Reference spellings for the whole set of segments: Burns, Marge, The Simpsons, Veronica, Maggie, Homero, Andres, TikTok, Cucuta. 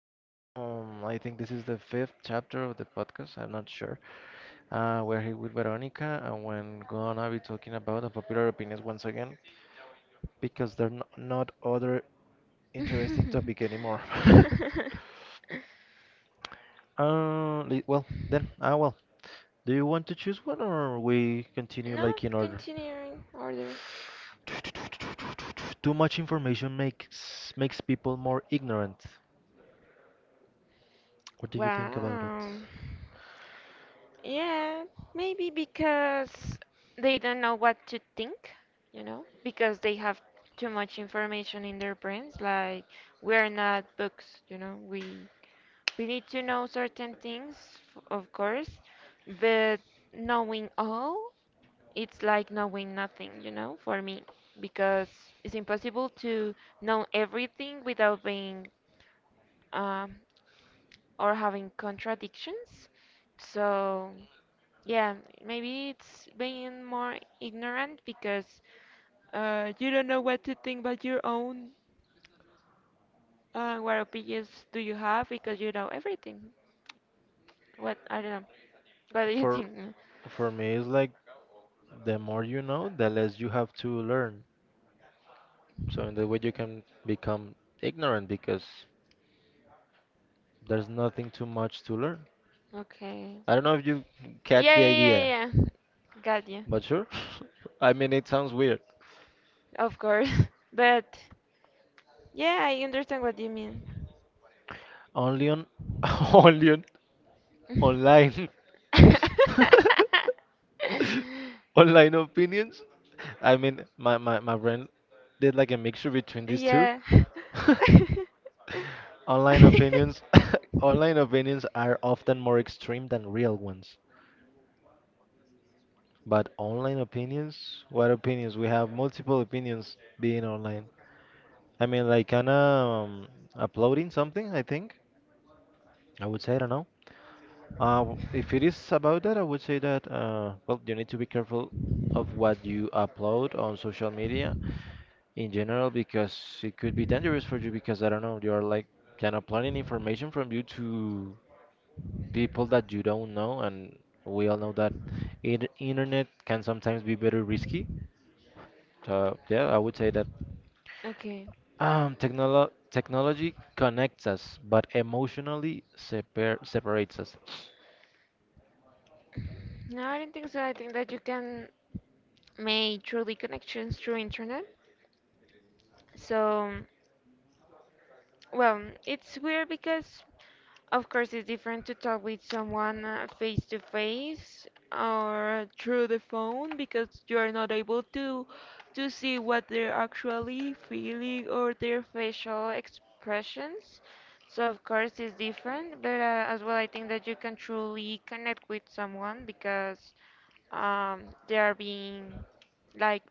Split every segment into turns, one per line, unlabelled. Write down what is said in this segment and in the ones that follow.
I think this is the fifth chapter of the podcast. I'm not sure. We're here with Veronica, and we're gonna be talking about unpopular opinions once again because there are not other interesting topic anymore.
no,
Well, then, well. Do you want to choose one, or we continue like in order?
continuing order.
Too much information makes people more ignorant. What do you think about it?
Wow. Yeah, maybe because they don't know what to think, because they have too much information in their brains. Like we're not books. We need to know certain things, of course, but knowing all, it's like knowing nothing, you know, for me, because it's impossible to know everything without being um, or having contradictions. So, yeah, maybe it's being more ignorant because you don't know what to think about your own. What opinions do you have? Because you know everything. What I don't know. What do you
For
think?
for me, it's like the more you know, the less you have to learn. So in that way, you can become ignorant because there's nothing too much to learn.
Okay.
I don't know if you catch
Yeah,
the
yeah, yeah,
idea,
yeah. yeah. Got you.
but sure. I mean, it sounds weird.
Of course. But yeah, I understand what you mean.
Only on, only on online, Online opinions. I mean, my brain did like a mixture between these two.
Yeah.
Online opinions, Online opinions are often more extreme than real ones. But online opinions? What opinions? We have multiple opinions being online. I mean, like kind of uploading something, I think. I would say, I don't know. If it is about that, I would say that, well, you need to be careful of what you upload on social media in general because it could be dangerous for you because, I don't know, you are like kind of planning information from you to people that you don't know, and we all know that in internet can sometimes be very risky. So yeah, I would say that.
Okay.
Technology connects us, but emotionally separates us.
No, I don't think so. I think that you can make truly connections through internet. So. Well, it's weird because, of course, it's different to talk with someone face to face or through the phone because you're not able to see what they're actually feeling or their facial expressions. So, of course, it's different, but as well, I think that you can truly connect with someone because um, they are being like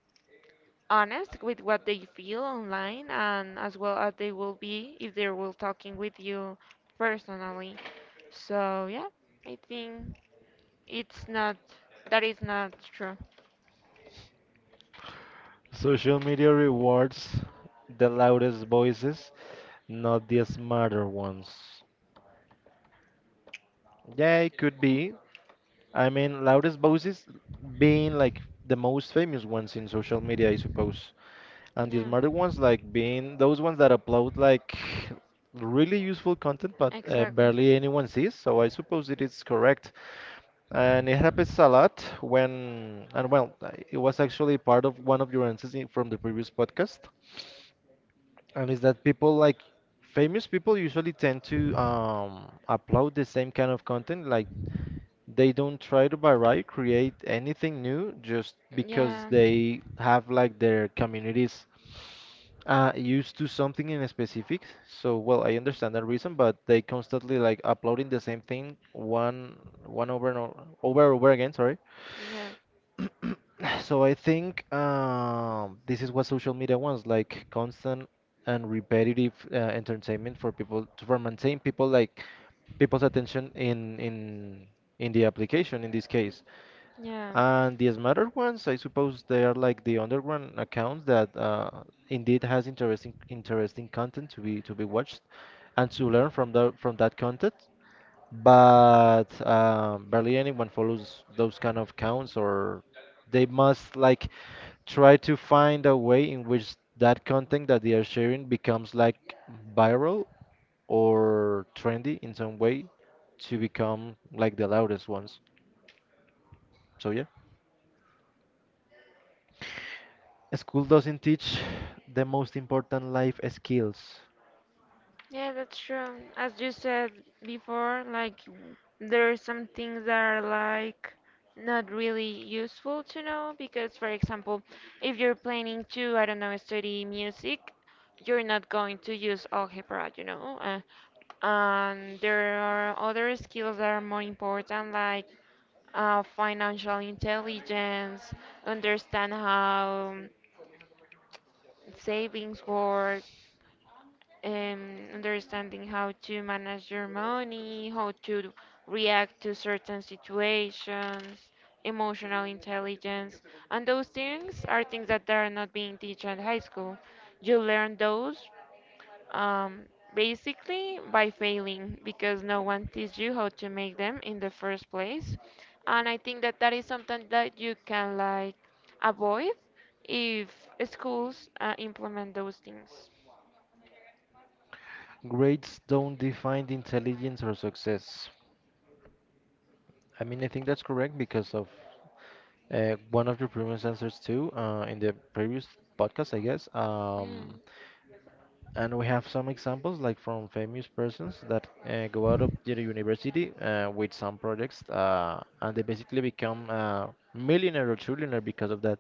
honest with what they feel online and as well as they will be if they will talking with you personally. So yeah, I think it's not that is not true.
Social media rewards the loudest voices, not the smarter ones. Yeah, it could be. I mean, loudest voices being like the most famous ones in social media, I suppose. And the
Yeah.
smarter ones like being those ones that upload like really useful content, but
Exactly.
barely anyone sees. So I suppose it is correct. And it happens a lot and well, it was actually part of one of your answers from the previous podcast. And is that people like famous people usually tend to upload the same kind of content. Like they don't try to vary, create anything new just because
Yeah.
they have like their communities used to something in a specific. So, well, I understand that reason, but they constantly like uploading the same thing one over and over and over again, sorry.
Yeah.
So I think this is what social media wants, like constant and repetitive entertainment for people to for maintain people like people's attention in the application in this case.
Yeah.
And the smarter ones, I suppose they are like the underground accounts that indeed has interesting content to be watched and to learn from that content but barely anyone follows those kind of counts, or they must like try to find a way in which that content that they are sharing becomes like viral or trendy in some way to become like the loudest ones, so yeah. School doesn't teach the most important life skills.
Yeah, that's true. As you said before, like there are some things that are like not really useful to know because, for example, if you're planning to, I don't know, study music, you're not going to use algebra, and there are other skills that are more important, like financial intelligence, understand how savings work, understanding how to manage your money, how to react to certain situations, emotional intelligence, and those things are things that are not being taught in high school. You learn those um, basically by failing because no one teaches you how to make them in the first place, and I think that that is something that you can like avoid if schools implement those things.
Grades don't define intelligence or success. I mean, I think that's correct because of one of your previous answers too, in the previous podcast, I guess. Um,
Hmm.
and we have some examples like from famous persons that go out of the university with some projects, and they basically become millionaire or trillionaire because of that,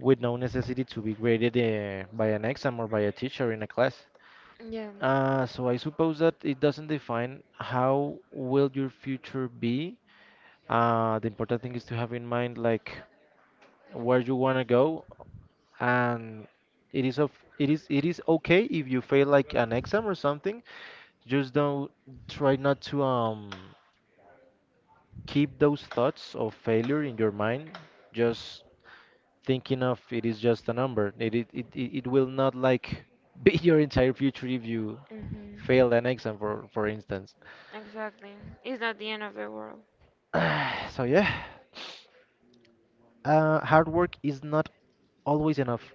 with no necessity to be graded by an exam or by a teacher in a class.
Yeah.
So I suppose that it doesn't define how will your future be. The important thing is to have in mind like where you want to go, and it is of it is okay if you fail like an exam or something. Just don't try not to keep those thoughts of failure in your mind, just thinking of it is just a number. It will not like be your entire future if you
Mhm.
fail an exam for instance.
Exactly. It's not the end of the world.
So yeah. Hard work is not always enough.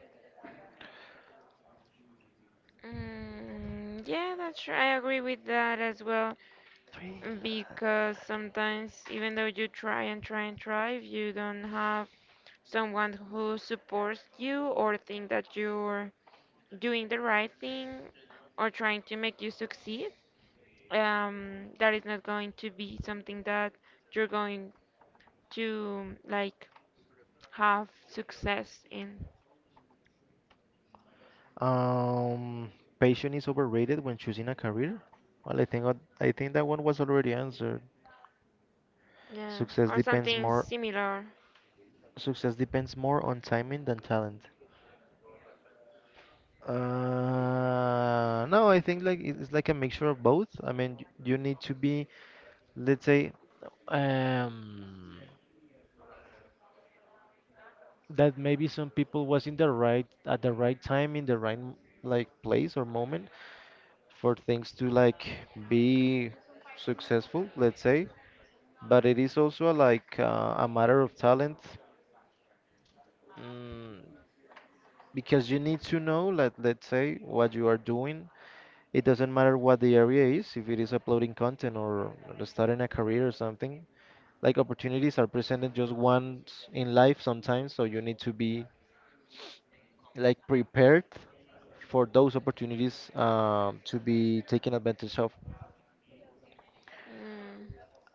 Mm, yeah, that's true. I agree with that as well.
Three.
Because sometimes, even though you try and try and try, if you don't have someone who supports you or think that you're doing the right thing or trying to make you succeed, that is not going to be something that you're going to like have success in.
Um, Patience is overrated when choosing a career. Well, I think I think that one was already answered.
Yeah,
Success
or
depends
something
more
similar.
success depends more on timing than talent. No, I think like it's like a mixture of both. I mean, you need to be, let's say, um, that maybe some people was in the right at the right time in the right like place or moment for things to like be successful, let's say. But it is also like a matter of talent, mm, because you need to know, let's say, what you are doing. It doesn't matter what the area is, if it is uploading content or starting a career or something. Like opportunities are presented just once in life sometimes, so you need to be like prepared for those opportunities to be taken advantage of.
Mm.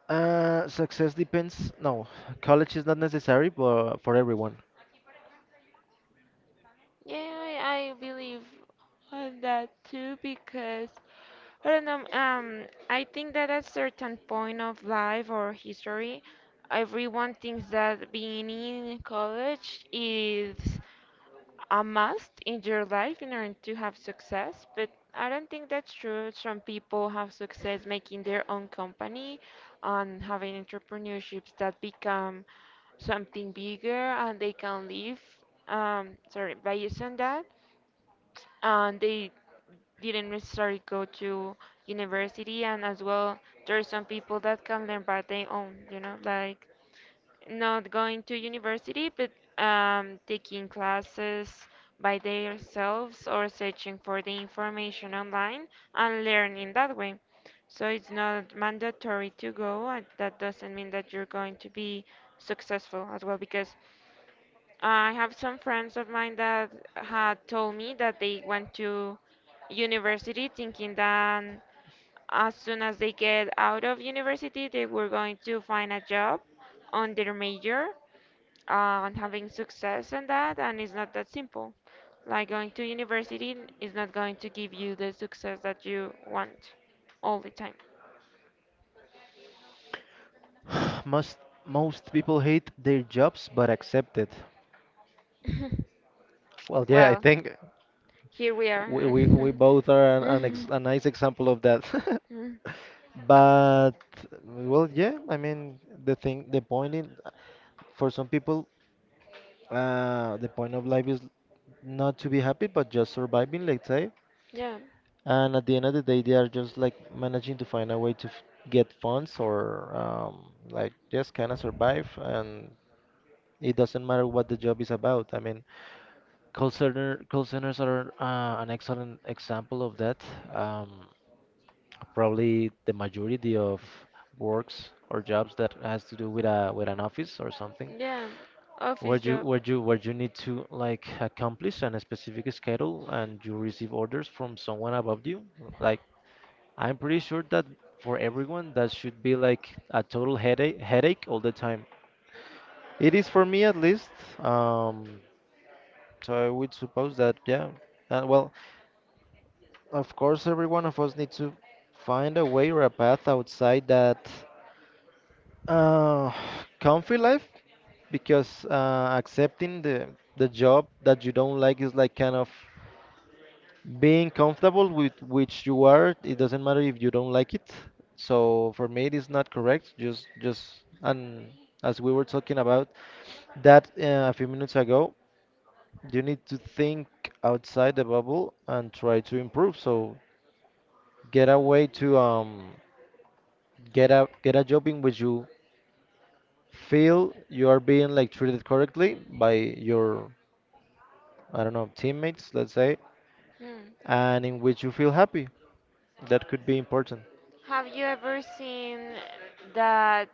Success depends no College is not necessary but for everyone.
Yeah, I believe on that too because I don't know. I think that at certain point of life or history, everyone thinks that being in college is a must in your life in order to have success, but I don't think that's true. Some people have success making their own company and having entrepreneurships that become something bigger and they can live sorry based on that and they didn't necessarily go to university and as well there are some people that can learn by their own you know like not going to university, but taking classes by themselves or searching for the information online and learning that way. So it's not mandatory to go, and that doesn't mean that you're going to be successful as well. Because I have some friends of mine that had told me that they went to university thinking that as soon as they get out of university, they were going to find a job on their major on having success in that and it's not that simple like going to university is not going to give you the success that you want all the time.
Most most people hate their jobs but accept it. Well, yeah, I
Well,
think
here we are.
we both are a nice example of that. But well, yeah, I mean the point in for some people, the point of life is not to be happy but just surviving, let's say.
Yeah,
And at the end of the day, they are just like managing to find a way to f get funds or like just kind of survive, and it doesn't matter what the job is about. I mean, Call centers are an excellent example of that. Um, Probably the majority of works or jobs that has to do with a with an office or something,
yeah,
where
office
you
job.
where you need to like accomplish an specific schedule and you receive orders from someone above you. Like I'm pretty sure that for everyone that should be like a total headache all the time. It is for me at least. Um, so I would suppose that yeah. Well, of course, every one of us needs to find a way or a path outside that uh, comfy life, because accepting the job that you don't like is like kind of being comfortable with which you are. It doesn't matter if you don't like it. So for me, it is not correct. And as we were talking about that a few minutes ago, you need to think outside the bubble and try to improve. So get away to get a job in which you feel you are being like treated correctly by your, I don't know, teammates, let's say,
Hmm.
and in which you feel happy. That could be important.
Have you ever seen that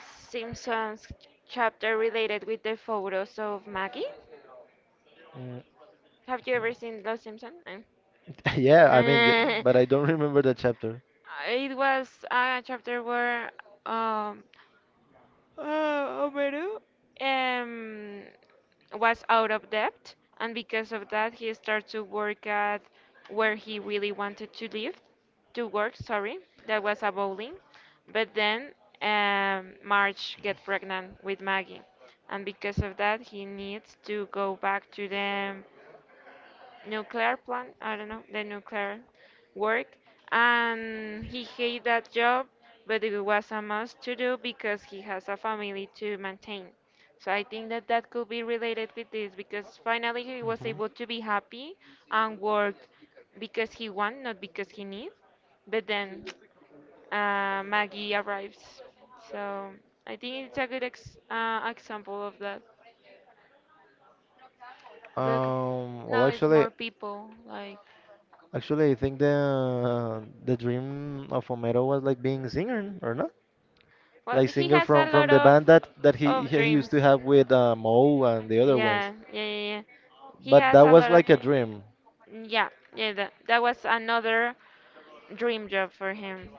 Simpsons chapter related with the photos of Maggie?
Mm,
Have you ever seen Los Simpsons?
yeah, I mean, yeah, but I don't remember that chapter.
It was a chapter where um, Homero um, was out of debt, and because of that, he started to work at where he really wanted to work. Sorry, that was a bowling. But then Marge get pregnant with Maggie, and because of that, he needs to go back to the nuclear plant, I don't know, the nuclear work. And he hated that job, but it was a must to do because he has a family to maintain. So I think that that could be related with this because finally he was able to be happy and work because he want, not because he need. But then Maggie arrives. So I think it's a good ex example of that. Look,
Well,
now it's
actually,
more people like.
I think the dream of Homero was like being singer or not,
Well,
like
he
singer
has a lot
from the band that he
of
he he used to
dreams.
have with Moe and the other ones.
Yeah, yeah, yeah, yeah. He
But
has
that
a
was
lot of
like a dream.
yeah, yeah. That was another dream job for him.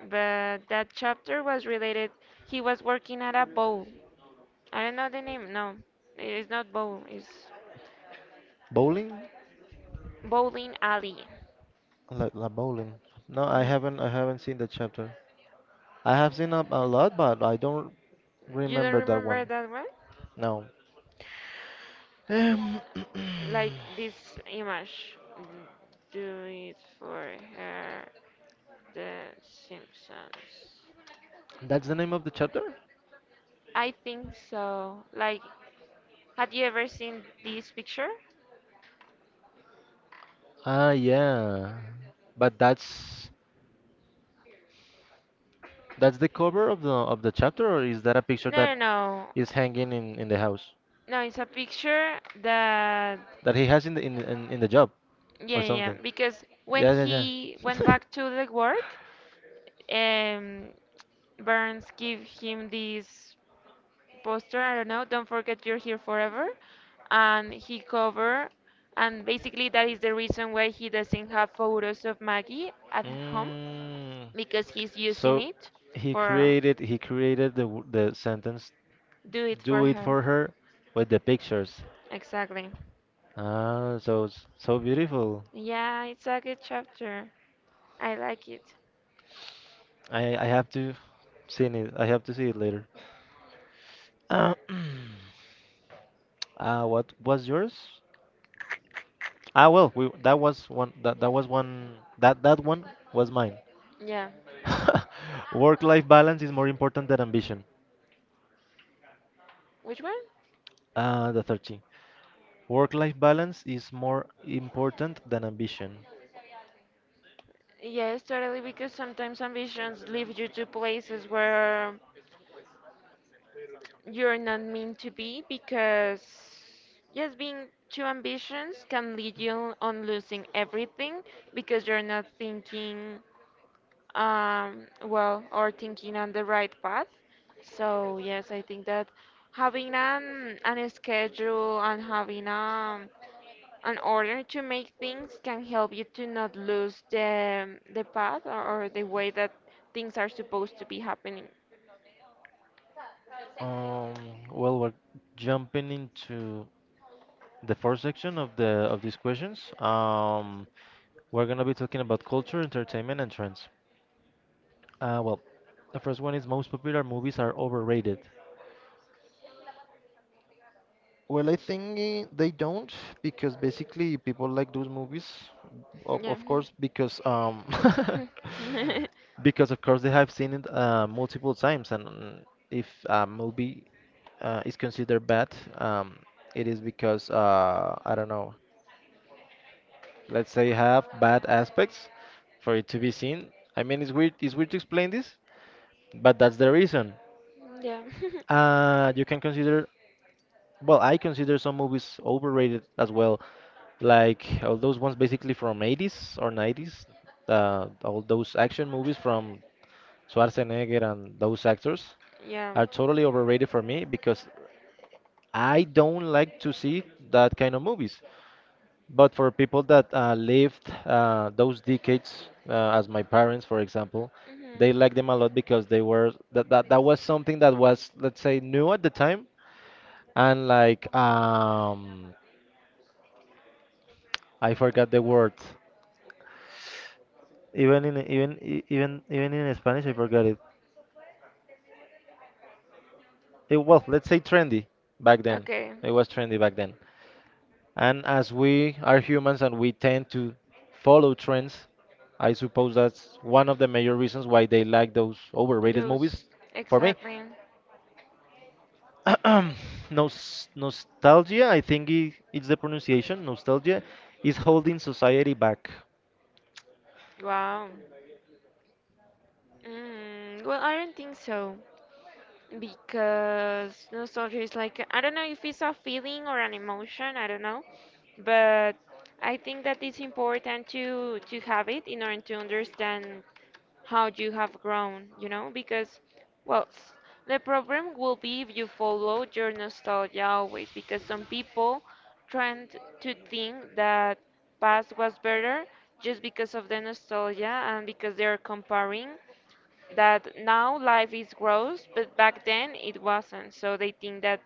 But that chapter was related. He was working at a bowl. I don't know the name. No, it's not bowl. It's
Bowling?
bowling alley.
Like la bowling. No,
Yeah.
I haven't seen the chapter. I have seen a lot, but I don't
You don't
remember that
remember
one.
that one?
No. Um,
Like this image. Do it for her. The Simpsons.
that's the name of the chapter?
I think so. Like, have you ever seen this picture?
Ah, yeah. But that's the cover of the chapter, or is that a picture that
No, no, no.
is hanging in the house
No, it's a picture that
that he has in the in the job
yeah,
or
yeah, yeah.
something?
Because when
Yeah, yeah,
he went back to the work, um, Burns gave him this poster. I don't know. Don't forget you're here forever, and he cover. And basically, that is the reason why he doesn't have
yeah.
photos of Maggie at home
Mm.
because he's using
So
it for
he created the sentence
do it for
"do it
her.
for her" with the pictures.
Exactly.
Ah, so it's so beautiful.
Yeah, it's a good chapter. I like it.
I have to seen it. I have to see it later. Uh, what was yours? Ah, well, we that was one that that was one that that one was mine.
Yeah.
Work-life balance is more important than ambition.
Which one?
The 13. Work life balance is more important than ambition.
Yes, totally, because sometimes ambitions lead you to places where you're not meant to be because, yes, being too ambitious can lead you on losing everything because you're not thinking well, or thinking on the right path. So yes, I think that having an schedule and having an order to make things can help you to not lose the path or the way that things are supposed to be happening.
Um, well, we're jumping into the first section of the of these questions. We're gonna be talking about culture, entertainment, and trends. Well, the first one is most popular movies are overrated. Well, I think they don't, because basically people like those movies,
Yeah.
of course, because because of course they have seen it multiple times, and if a movie is considered bad, um, it is because I don't know, let's say have bad aspects for it to be seen. I mean, it's weird to explain this, but that's the reason.
Yeah.
You can consider Well, I consider some movies overrated as well, like all those ones basically from 80's or 90's, all those action movies from Schwarzenegger and those actors
Yeah.
are totally overrated for me because I don't like to see that kind of movies. But for people that lived those decades, as my parents, for example,
Mhm.
they liked them a lot because they were that that was something that was, let's say, new at the time, and like I forgot the word. Even in even e- even even in Spanish I forgot it. Well, let's say trendy back then.
Okay.
It was trendy back then. And as we are humans and we tend to follow trends, I suppose that's one of the major reasons why they like those overrated
Those.
movies. For me,
Exactly.
nostalgia, I think I- it's the pronunciation, nostalgia is holding society back.
Wow. Mm, well, I don't think so. Because nostalgia is like, I don't know if it's a feeling or an emotion, I don't know. But I think that it's important to have it in order to understand how you have grown, you know, because well, s- the problem will be if you follow your nostalgia always, because some people tend to think that past was better just because of the nostalgia and because they are comparing that now life is gross, but back then it wasn't. So they think that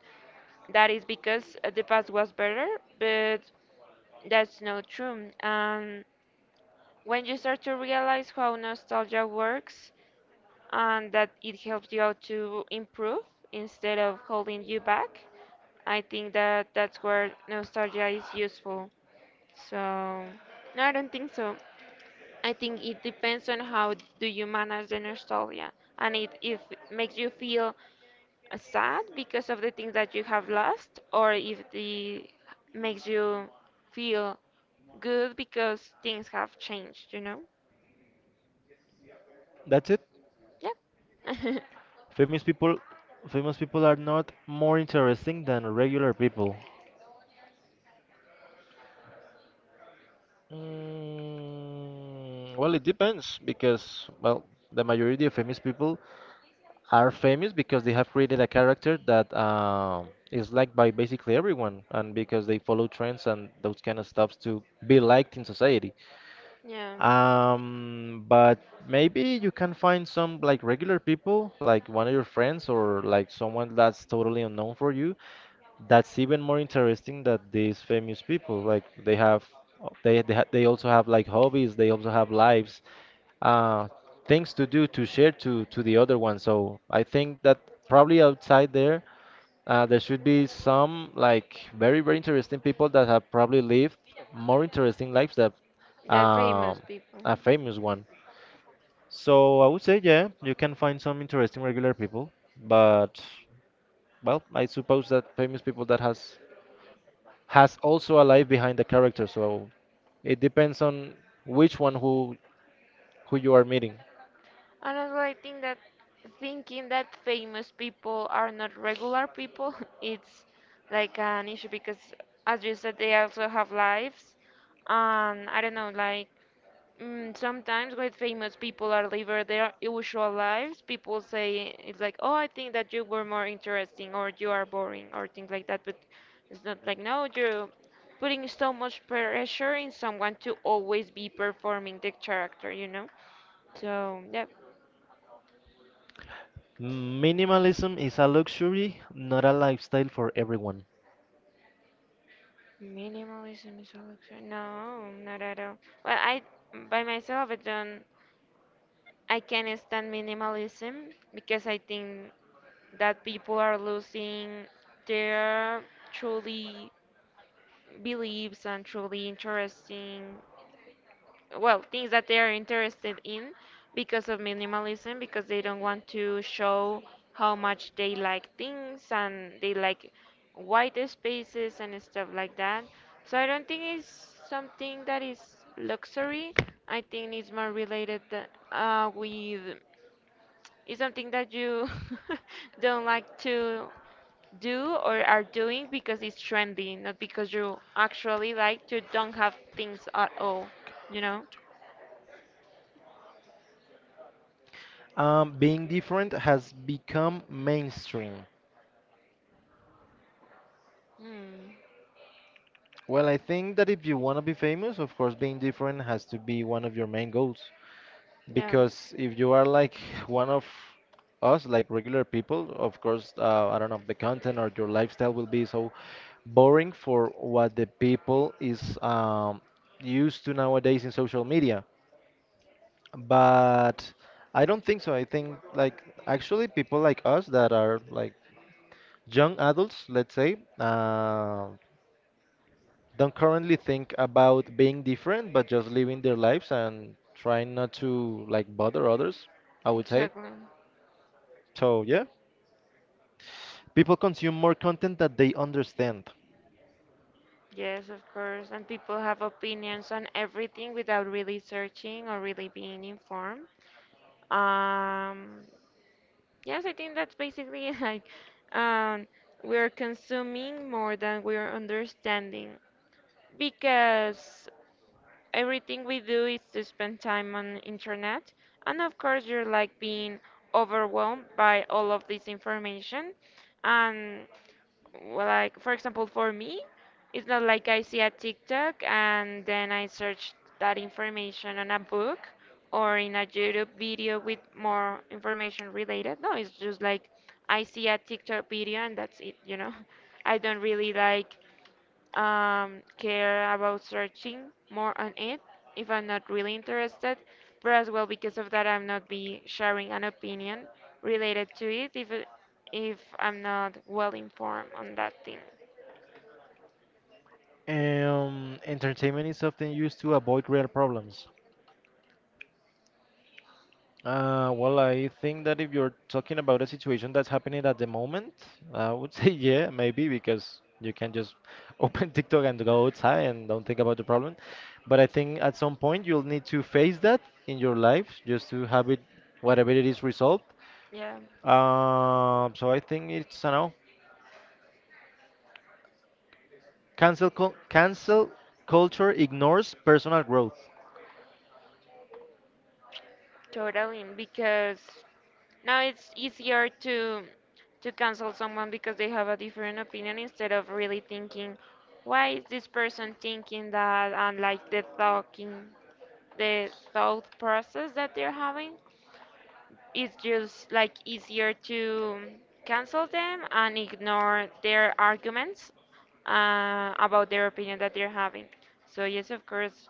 that is because the past was better, but that's not true. And when you start to realize how nostalgia works and that it helps you out to improve instead of holding you back, I think that that's where nostalgia is useful. So, no, I don't think so. I think it depends on how do you manage the nostalgia and it if it makes you feel sad because of the things that you have lost or if it makes you feel good because things have changed, you know?
That's it.
Yeah.
Famous people, Famous people are not more interesting than regular people. Mm, well, it depends because, well, the majority of famous people are famous because they have created a character that is liked by basically everyone and because they follow trends and those kind of stuffs to be liked in society.
Yeah.
But maybe you can find some like regular people, like one of your friends or like someone that's totally unknown for you, that's even more interesting that these famous people. Like they have they also have like hobbies, they also have lives, uh things to do, to share to the other one. So I think that probably outside there, there should be some like very very interesting people that have probably lived more interesting lives than
They're famous
um
people.
a famous one. So I would say yeah, you can find some interesting regular people, but well, I suppose that famous people that has also a life behind the character. So it depends on which one, who you are meeting.
And also, I think that thinking that famous people are not regular people, it's like an issue because, as you said, they also have lives. And I don't know, like mm, sometimes with famous people are living their usual lives. People say it's like, oh, I think that you were more interesting, or you are boring, or things like that. But it's not like, no, you're putting so much pressure in someone to always be performing the character, you know? So, yeah.
Minimalism is a luxury, not a lifestyle for everyone.
Minimalism is a luxury. No, not at all. Well, I by myself I don't I can't stand minimalism because I think that people are losing their truly beliefs and truly interesting well things that they are interested in because of minimalism because they don't want to show how much they like things and they like white spaces and stuff like that, so I don't think it's something that is luxury. I think it's more related with it's something that you don't like to do or are doing because it's trendy not because you actually like to don't have things at all, you know.
Being different has become mainstream.
Hmm.
Well, I think that if you want to be famous, of course, being different has to be one of your main goals.
Yeah.
Because if you are like one of us, like regular people, of course, I don't know, the content or your lifestyle will be so boring for what the people is used to nowadays in social media. But I don't think so. I think like actually people like us that are like young adults, let's say, don't currently think about being different, but just living their lives and trying not to like bother others, I would say.
Exactly.
So yeah, people consume more content that they understand.
Yes, of course. And people have opinions on everything without really searching or really being informed. Um, yes, I think that's basically like um, we're consuming more than we're understanding because everything we do is to spend time on internet, and of course you're like being overwhelmed by all of this information. And well, like for example, for me, it's not like I see a TikTok and then I search that information on a book or in a YouTube video with more information related. No, it's just like I see a TikTok video and that's it, you know. I don't really like care about searching more on it if I'm not really interested, but as well because of that I'm not be sharing an opinion related to it if I'm not well informed on that thing.
Entertainment is often used to avoid real problems. Well, I think that if you're talking about a situation that's happening at the moment, I would say yeah, maybe because you can just open TikTok and go outside and don't think about the problem. But I think at some point you'll need to face that in your life just to have it, whatever it is, resolved.
Yeah,
So I think it's, I know, cancel culture ignores personal growth.
totally. Because now it's easier to cancel someone because they have a different opinion instead of really thinking why is this person thinking that and like the talking the thought process that they're having, it's just like easier to cancel them and ignore their arguments about their opinion that they're having. So yes, of course,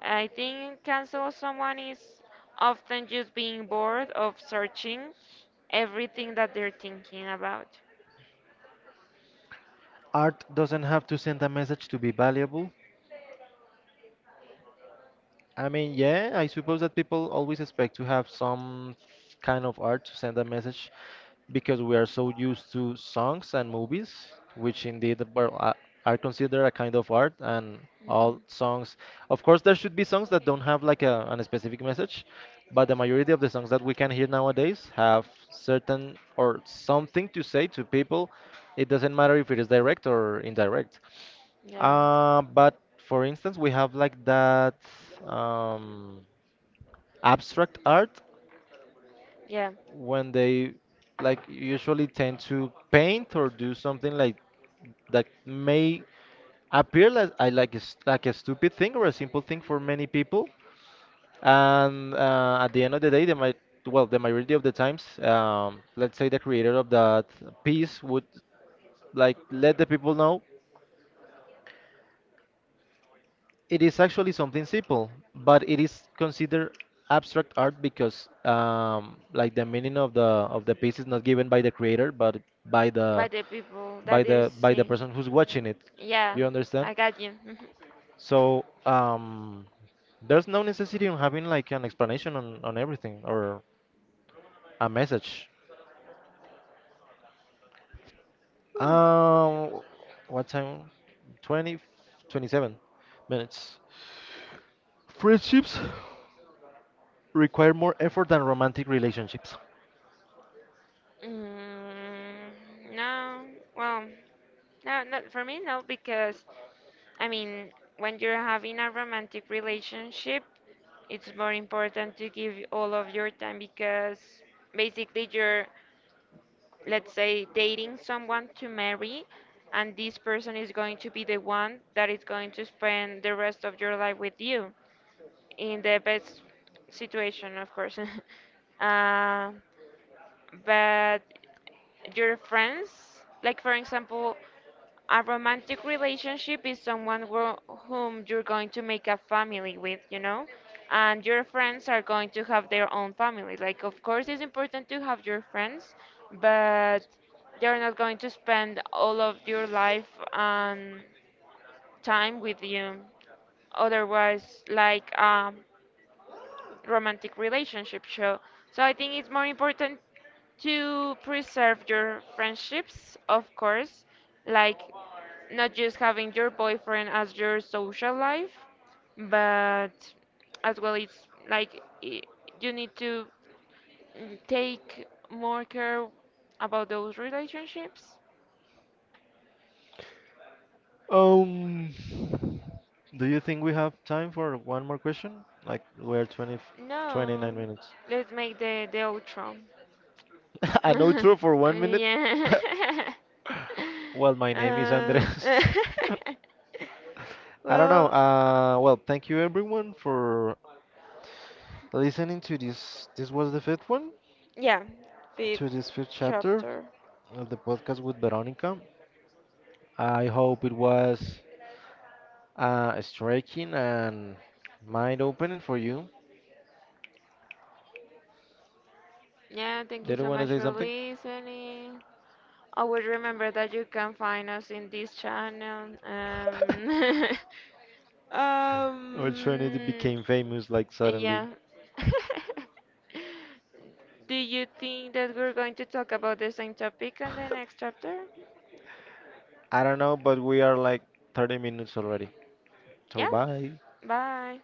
I think cancel someone is often just being bored of searching everything that they're thinking about.
Art doesn't have to send a message to be valuable. I mean, yeah, I suppose that people always expect to have some kind of art to send a message because we are so used to songs and movies, which indeed are considered a kind of art and all
Hmm.
songs. Of course, there should be songs that don't have like a, an specific message, but the majority of the songs that we can hear nowadays have certain or something to say to people. It doesn't matter if it is direct or indirect.
Yeah,
But for instance, we have like that um, abstract art
yeah,
when they like usually tend to paint or do something like that may appear like, I like like a stupid thing or a simple thing for many people. And at the end of the day, they might, well, the majority of the times, let's say the creator of that piece would like let the people know it is actually something simple, but it is considered abstract art because like the meaning of the piece is not given by the creator, but by
by
the
the people that they're
by the
seeing.
person who's watching it.
Yeah,
Do you understand?
I got you.
So there's no necessity on having like an explanation on everything or a message. Um, what time? 20, 27 minutes. Friendships require more effort than romantic relationships.
Mhm. Mm, no, well. No, not for me, no, because I mean, when you're having a romantic relationship, it's more important to give all of your time because basically you're, let's say, dating someone to marry, and this person is going to be the one that is going to spend the rest of your life with you in the best situation, of course. uh, but your friends, like for example, a romantic relationship is someone who, whom you're going to make a family with, you know, and your friends are going to have their own family. Like, of course, it's important to have your friends, but they're not going to spend all of your life and time with you. Otherwise, like, romantic relationship show. So I think it's more important to preserve your friendships, of course, like not just having your boyfriend as your social life, but as well you need to mm, take more care about those relationships.
Um, do you think we have time for one more question? Like we're 20,
No,
29 minutes.
let's make the outro.
An outro for 1 minute?
Yeah.
Well, my name is
uh,
Andres. I don't know.
well,
Well, thank you everyone for listening to this. This was the fifth one,
yeah,
to this
fifth
fifth chapter
chapter.
of the podcast with Veronica. I hope it was striking and mind opening for you.
Yeah, thank you
Did you
so
want to
much
say
for
something?
listening. Always remember that you can find us in this channel.
Our
Um,
Trinity became famous like suddenly.
yeah. Do you think that we're going to talk about the same topic on the next chapter?
I don't know, but we are like 30 minutes already.
Yeah,
So bye.
bye.